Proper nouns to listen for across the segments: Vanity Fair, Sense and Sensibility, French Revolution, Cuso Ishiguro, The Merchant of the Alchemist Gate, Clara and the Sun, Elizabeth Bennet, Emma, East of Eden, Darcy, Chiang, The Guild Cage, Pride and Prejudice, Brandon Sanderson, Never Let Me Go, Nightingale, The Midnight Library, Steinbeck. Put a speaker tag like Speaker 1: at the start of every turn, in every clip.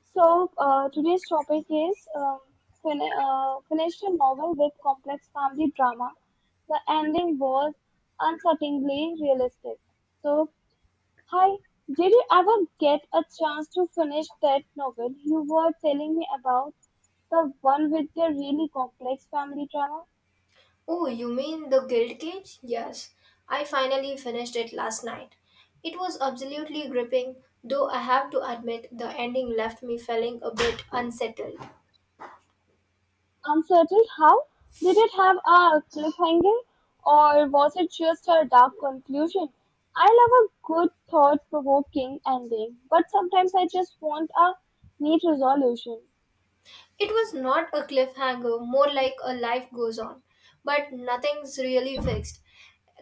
Speaker 1: Today's topic is finished a novel with complex family drama. The ending was uncertainly realistic. So, hi, did you ever get a chance to finish that novel you were telling me about? The one with the really complex family drama?
Speaker 2: Oh, you mean The Guild Cage? Yes, I finally finished it last night. It was absolutely gripping, though I have to admit the ending left me feeling a bit unsettled.
Speaker 1: Uncertain how? Did it have a cliffhanger, or was it just a dark conclusion? I love a good thought provoking ending, but sometimes I just want a neat resolution.
Speaker 2: It was not a cliffhanger, more like a life goes on, but nothing's really fixed.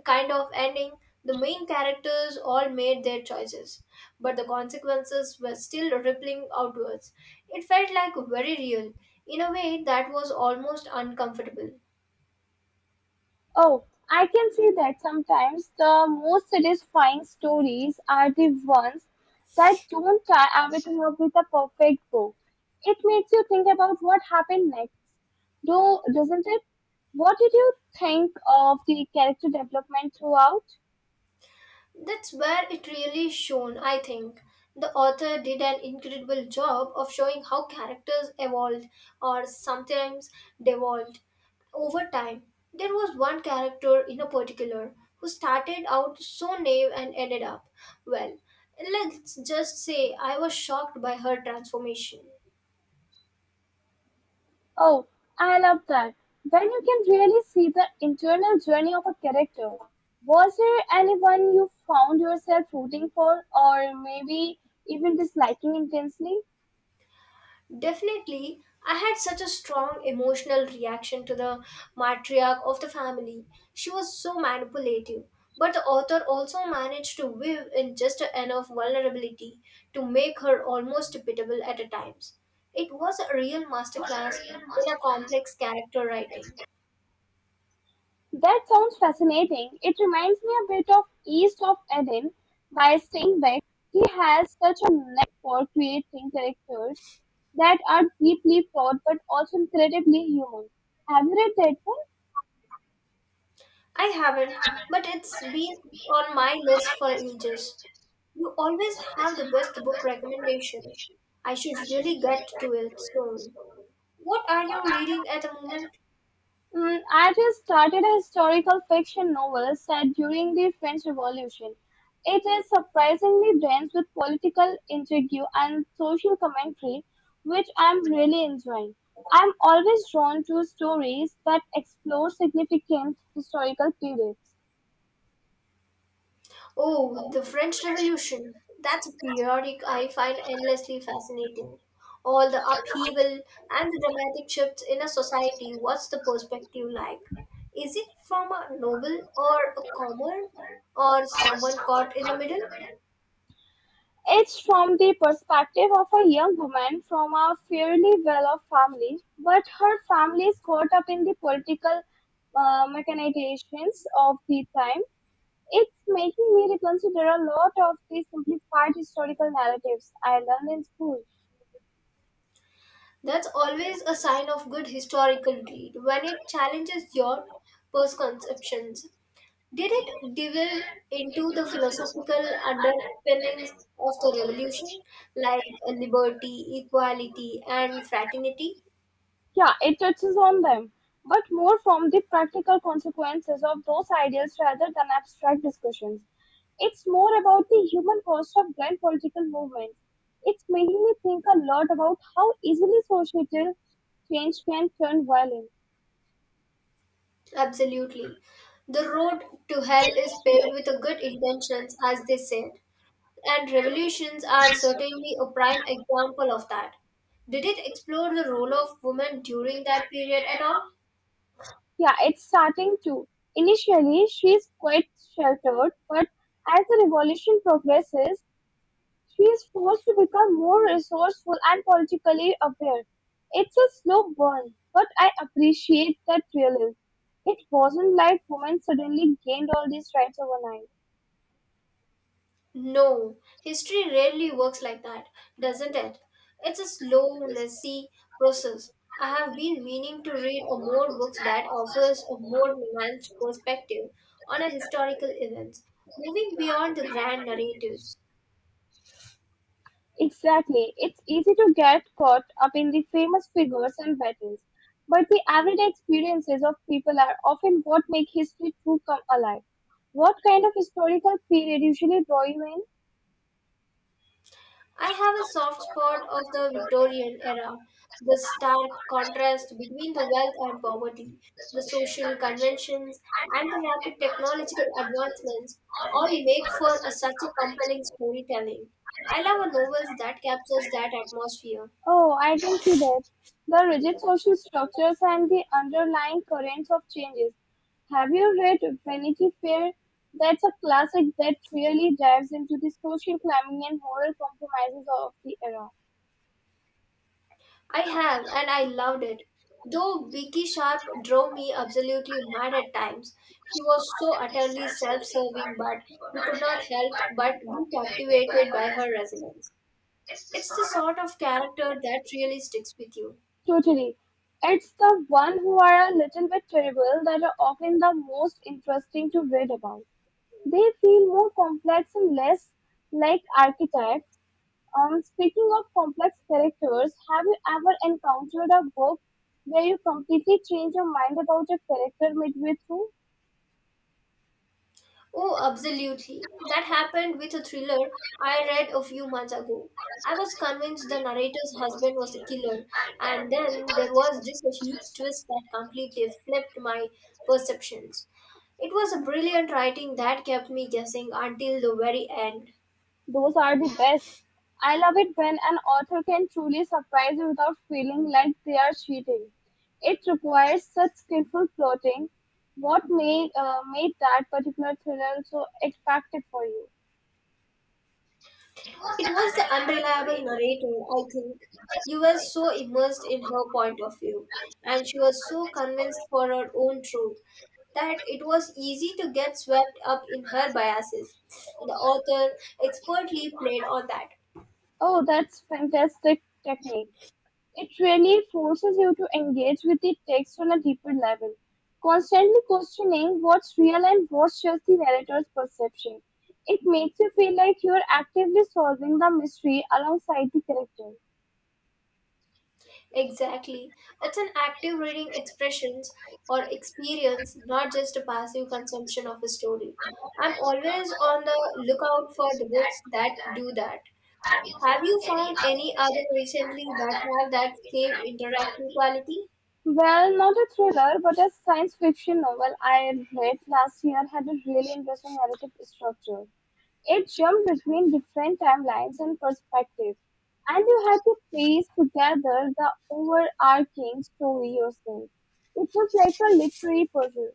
Speaker 2: Kind of ending, the main characters all made their choices, but the consequences were still rippling outwards. It felt like very real, in a way that was almost uncomfortable.
Speaker 1: Oh, I can see that sometimes the most satisfying stories are the ones that don't tie everything up with a perfect bow. It makes you think about what happened next, though, doesn't it? What did you think of the character development throughout?
Speaker 2: That's where it really shone, I think. The author did an incredible job of showing how characters evolved or sometimes devolved over time. There was one character in a particular who started out so naive and ended up, well, let's just say I was shocked by her transformation.
Speaker 1: Oh, I love that. When you can really see the internal journey of a character. Was there anyone you found yourself rooting for or maybe even disliking intensely?
Speaker 2: Definitely, I had such a strong emotional reaction to the matriarch of the family. She was so manipulative. But the author also managed to weave in just enough vulnerability to make her almost pitiable at times. It was a real masterclass in a complex character writing.
Speaker 1: That sounds fascinating. It reminds me a bit of East of Eden by Steinbeck. He has such a knack for creating characters that are deeply flawed but also incredibly human. Have you read that one?
Speaker 2: I haven't, but it's been on my list for ages. You always have the best book recommendations. I should really get to it soon. What are you reading at the moment?
Speaker 1: Mm, I just started a historical fiction novel set during the French Revolution. It is surprisingly dense with political intrigue and social commentary, which I'm really enjoying. I'm always drawn to stories that explore significant historical periods.
Speaker 2: Oh, The French Revolution. That's a periodic I find endlessly fascinating. All the upheaval and the dramatic shifts in a society. What's the perspective like? Is it from a noble or a common or someone caught in the middle?
Speaker 1: It's from the perspective of a young woman from a fairly well-off family, but her family is caught up in the political machinations of the time. It's making me reconsider a lot of the simplified historical narratives I learned in school.
Speaker 2: That's always a sign of good historical read when it challenges your preconceptions. Did it delve into the philosophical underpinnings of the revolution, like liberty, equality, and fraternity?
Speaker 1: Yeah, it touches on them, but more from the practical consequences of those ideas rather than abstract discussions. It's more about the human cost of grand political movements. It's making me think a lot about how easily societal change can turn violent.
Speaker 2: Absolutely. The road to hell is paved with good intentions, as they said, and revolutions are certainly a prime example of that. Did it explore the role of women during that period at all?
Speaker 1: Yeah, it's starting to. Initially, she's quite sheltered, but as the revolution progresses, she is forced to become more resourceful and politically aware. It's a slow burn, but I appreciate that realism. It wasn't like women suddenly gained all these rights overnight.
Speaker 2: No, history rarely works like that, doesn't it? It's a slow, messy process. I have been meaning to read a more books that offers a more nuanced perspective on a historical events, moving beyond the grand narratives.
Speaker 1: Exactly. It's easy to get caught up in the famous figures and battles, but the everyday experiences of people are often what make history true come alive. What kind of historical period usually draw you in?
Speaker 2: I have a soft spot of the Victorian era, the stark contrast between the wealth and poverty, the social conventions, and the rapid technological advancements all make for a, such a compelling storytelling. I love a novels that captures that atmosphere.
Speaker 1: Oh, I can see that. The rigid social structures and the underlying currents of changes. Have you read Vanity Fair? That's a classic that really dives into the social climbing and moral compromises of the era.
Speaker 2: I have, and I loved it. Though Becky Sharp drove me absolutely mad at times, she was so utterly self-serving, but you could not help but be captivated by her resilience. It's the sort of character that really sticks with you.
Speaker 1: Totally. It's the one who are a little bit terrible that are often the most interesting to read about. They feel more complex and less like archetypes. Speaking of complex characters, have you ever encountered a book where you completely change your mind about a character midway through?
Speaker 2: Oh, absolutely. That happened with a thriller I read a few months ago. I was convinced the narrator's husband was the killer, and then there was this huge twist that completely flipped my perceptions. It was a brilliant writing that kept me guessing until the very end.
Speaker 1: Those are the best. I love it when an author can truly surprise you without feeling like they are cheating. It requires such skillful plotting. What made made that particular thriller so effective for you?
Speaker 2: It was the unreliable narrator, I think. You were so immersed in her point of view, and she was so convinced for her own truth that it was easy to get swept up in her biases. The author expertly played on that.
Speaker 1: Oh, that's fantastic technique. It really forces you to engage with the text on a deeper level, constantly questioning what's real and what's just the narrator's perception. It makes you feel like you're actively solving the mystery alongside the character.
Speaker 2: Exactly. It's an active reading expressions or experience, not just a passive consumption of a story. I'm always on the lookout for the books that do that. Have you found any other recently that have that same interactive quality?
Speaker 1: Well, not a thriller, but a science fiction novel I read last year had a really interesting narrative structure. It jumped between different timelines and perspectives, and you had to piece together the overarching story yourself. It was like a literary puzzle.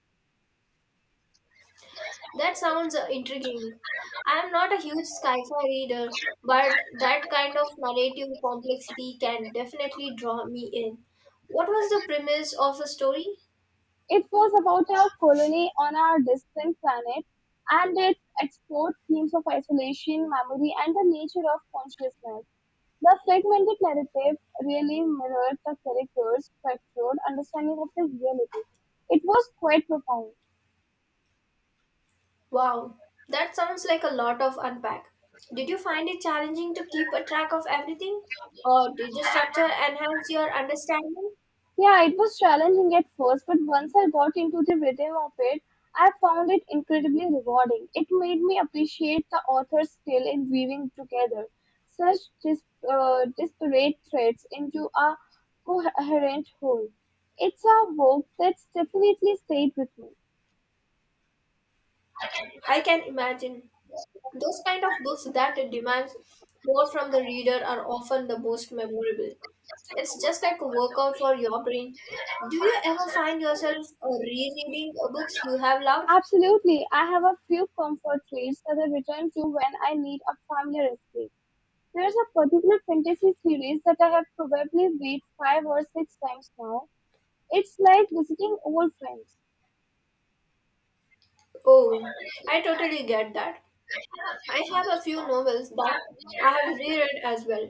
Speaker 2: That sounds intriguing. I am not a huge sci-fi reader, but that kind of narrative complexity can definitely draw me in. What was the premise of the story?
Speaker 1: It was about a colony on a distant planet, and it explored themes of isolation, memory, and the nature of consciousness. The fragmented narrative really mirrored the characters' fractured understanding of the reality. It was quite profound.
Speaker 2: Wow, that sounds like a lot of unpack. Did you find it challenging to keep a track of everything, or did the structure enhance your understanding?
Speaker 1: Yeah, it was challenging at first, but once I got into the rhythm of it, I found it incredibly rewarding. It made me appreciate the author's skill in weaving together such dis- disparate threads into a coherent whole. It's a work that's definitely stayed with me.
Speaker 2: I can imagine those kind of books that demands more from the reader are often the most memorable. It's just like a workout for your brain. Do you ever find yourself rereading books you have loved?
Speaker 1: Absolutely, I have a few comfort reads that I return to when I need a familiar escape. There's a particular fantasy series that I have probably read five or six times now. It's like visiting old friends.
Speaker 2: Oh, I totally get that. I have a few novels that I have reread as well.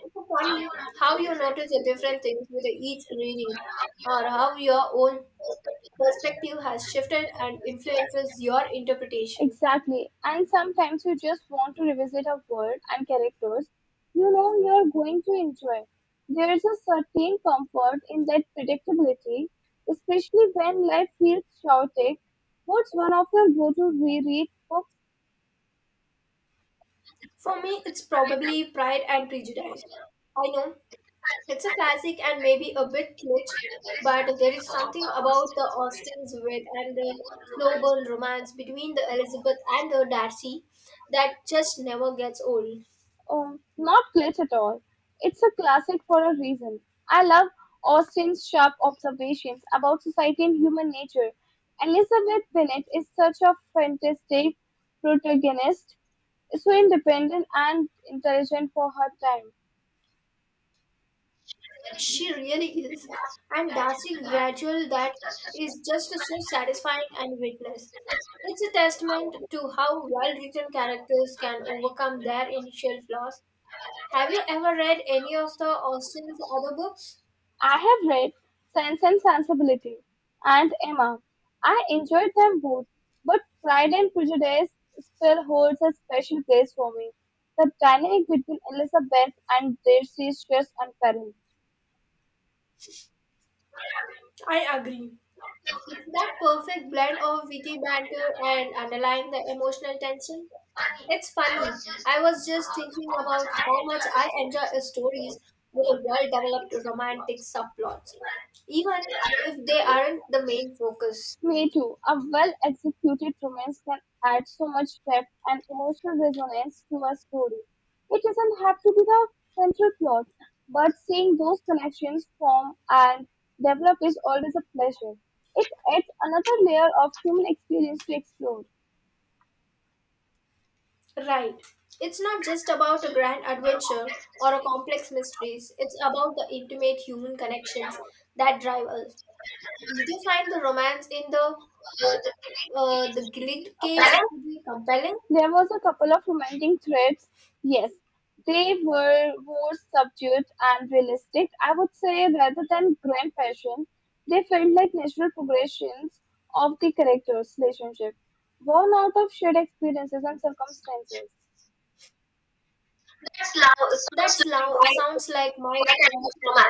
Speaker 2: It's so funny how you notice the different things with each reading, or how your own perspective has shifted and influences your interpretation.
Speaker 1: Exactly. And sometimes you just want to revisit a world and characters you know you're going to enjoy. There is a certain comfort in that predictability, especially when life feels chaotic. What's one of your go-to reread books?
Speaker 2: For me, it's probably Pride and Prejudice. I know it's a classic and maybe a bit kitsch, but there is something about the Austens' wit and the slow burn romance between the Elizabeth and the Darcy that just never gets old.
Speaker 1: Oh, not glitch at all. It's a classic for a reason. I love Austen's sharp observations about society and human nature. Elizabeth Bennet is such a fantastic protagonist, so independent and intelligent for her time.
Speaker 2: She really is, and Darcy gradual that is just so satisfying and witness. It's a testament to how well written characters can overcome their initial flaws. Have you ever read any of the Austen's other books?
Speaker 1: I have read Sense and Sensibility and Emma. I enjoyed them both, but Pride and Prejudice still holds a special place for me. The dynamic between Elizabeth and Darcy is just unparalleled.
Speaker 2: It's that perfect blend of witty banter and underlying the emotional tension. It's funny. I was just thinking about how much I enjoy stories with a well-developed romantic subplots, even if they aren't the main focus.
Speaker 1: Me too. A well executed romance can add so much depth and emotional resonance to a story. It doesn't have to be the central plot, but seeing those connections form and develop is always a pleasure. It adds another layer of human experience to explore.
Speaker 2: Right. It's not just about a grand adventure or a complex mysteries. It's about the intimate human connections that drive us. Did you find the romance in the grid cage to be compelling?
Speaker 1: There was a couple of romantic threads, yes. They were more subdued and realistic, I would say, rather than grand passion. They felt like natural progressions of the characters' relationship, born out of shared experiences and circumstances.
Speaker 2: That sounds like my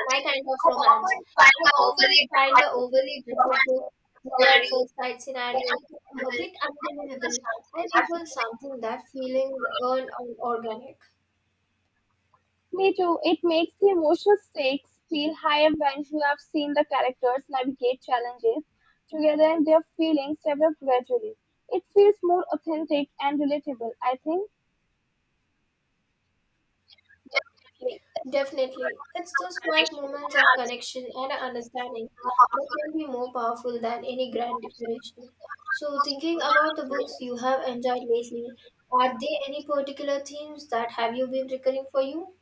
Speaker 2: my kind of romance. I often find the overly dramatic, love at first sight scenarios a bit unbelievable. I prefer something that feeling earned and organic.
Speaker 1: Me too, it makes the emotional stakes feel higher when you have seen the characters navigate challenges together and their feelings develop gradually. It feels more authentic and relatable, I think.
Speaker 2: Definitely. It's those quiet moments of connection and understanding that can be more powerful than any grand declaration. So, thinking about the books you have enjoyed lately, are there any particular themes that have you been recurring for you?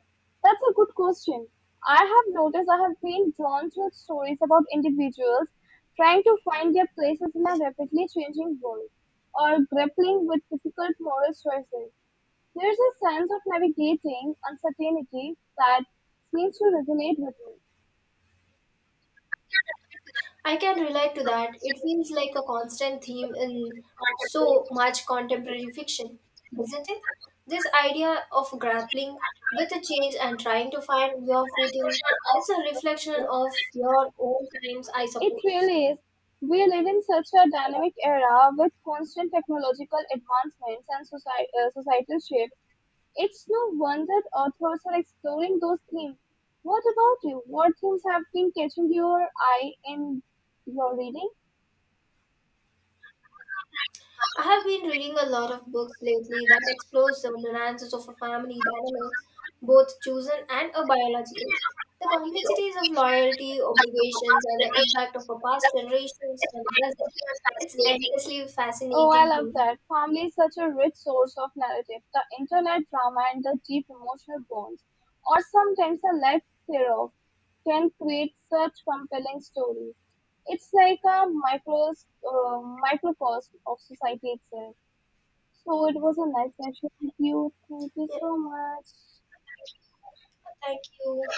Speaker 1: That's a good question. I have noticed I have been drawn to stories about individuals trying to find their places in a rapidly changing world or grappling with difficult moral choices. There's a sense of navigating uncertainty that seems to resonate with me.
Speaker 2: I can relate to that. It feels like a constant theme in so much contemporary fiction, isn't it? This idea of grappling with a change and trying to find your footing, it's a reflection of your own times, I
Speaker 1: It
Speaker 2: suppose.
Speaker 1: really is. We live in such a dynamic era with constant technological advancements and societal shifts. It's no wonder authors are exploring those themes. What about you? What themes have been catching your eye in your reading?
Speaker 2: I have been reading a lot of books lately that explores the nuances of a family dynamics, both chosen and a biological. The complexities of loyalty, obligations, and the impact of a past generations on the present. It's endlessly
Speaker 1: Oh, I
Speaker 2: fascinating to
Speaker 1: love
Speaker 2: me.
Speaker 1: that. Family is such a rich source of narrative. The internet drama and the deep emotional bonds, or sometimes the lack thereof, can create such compelling stories. It's like a microcosm of society itself. So it was a nice session with you. Thank you
Speaker 2: Yeah,
Speaker 1: so much.
Speaker 2: thank you.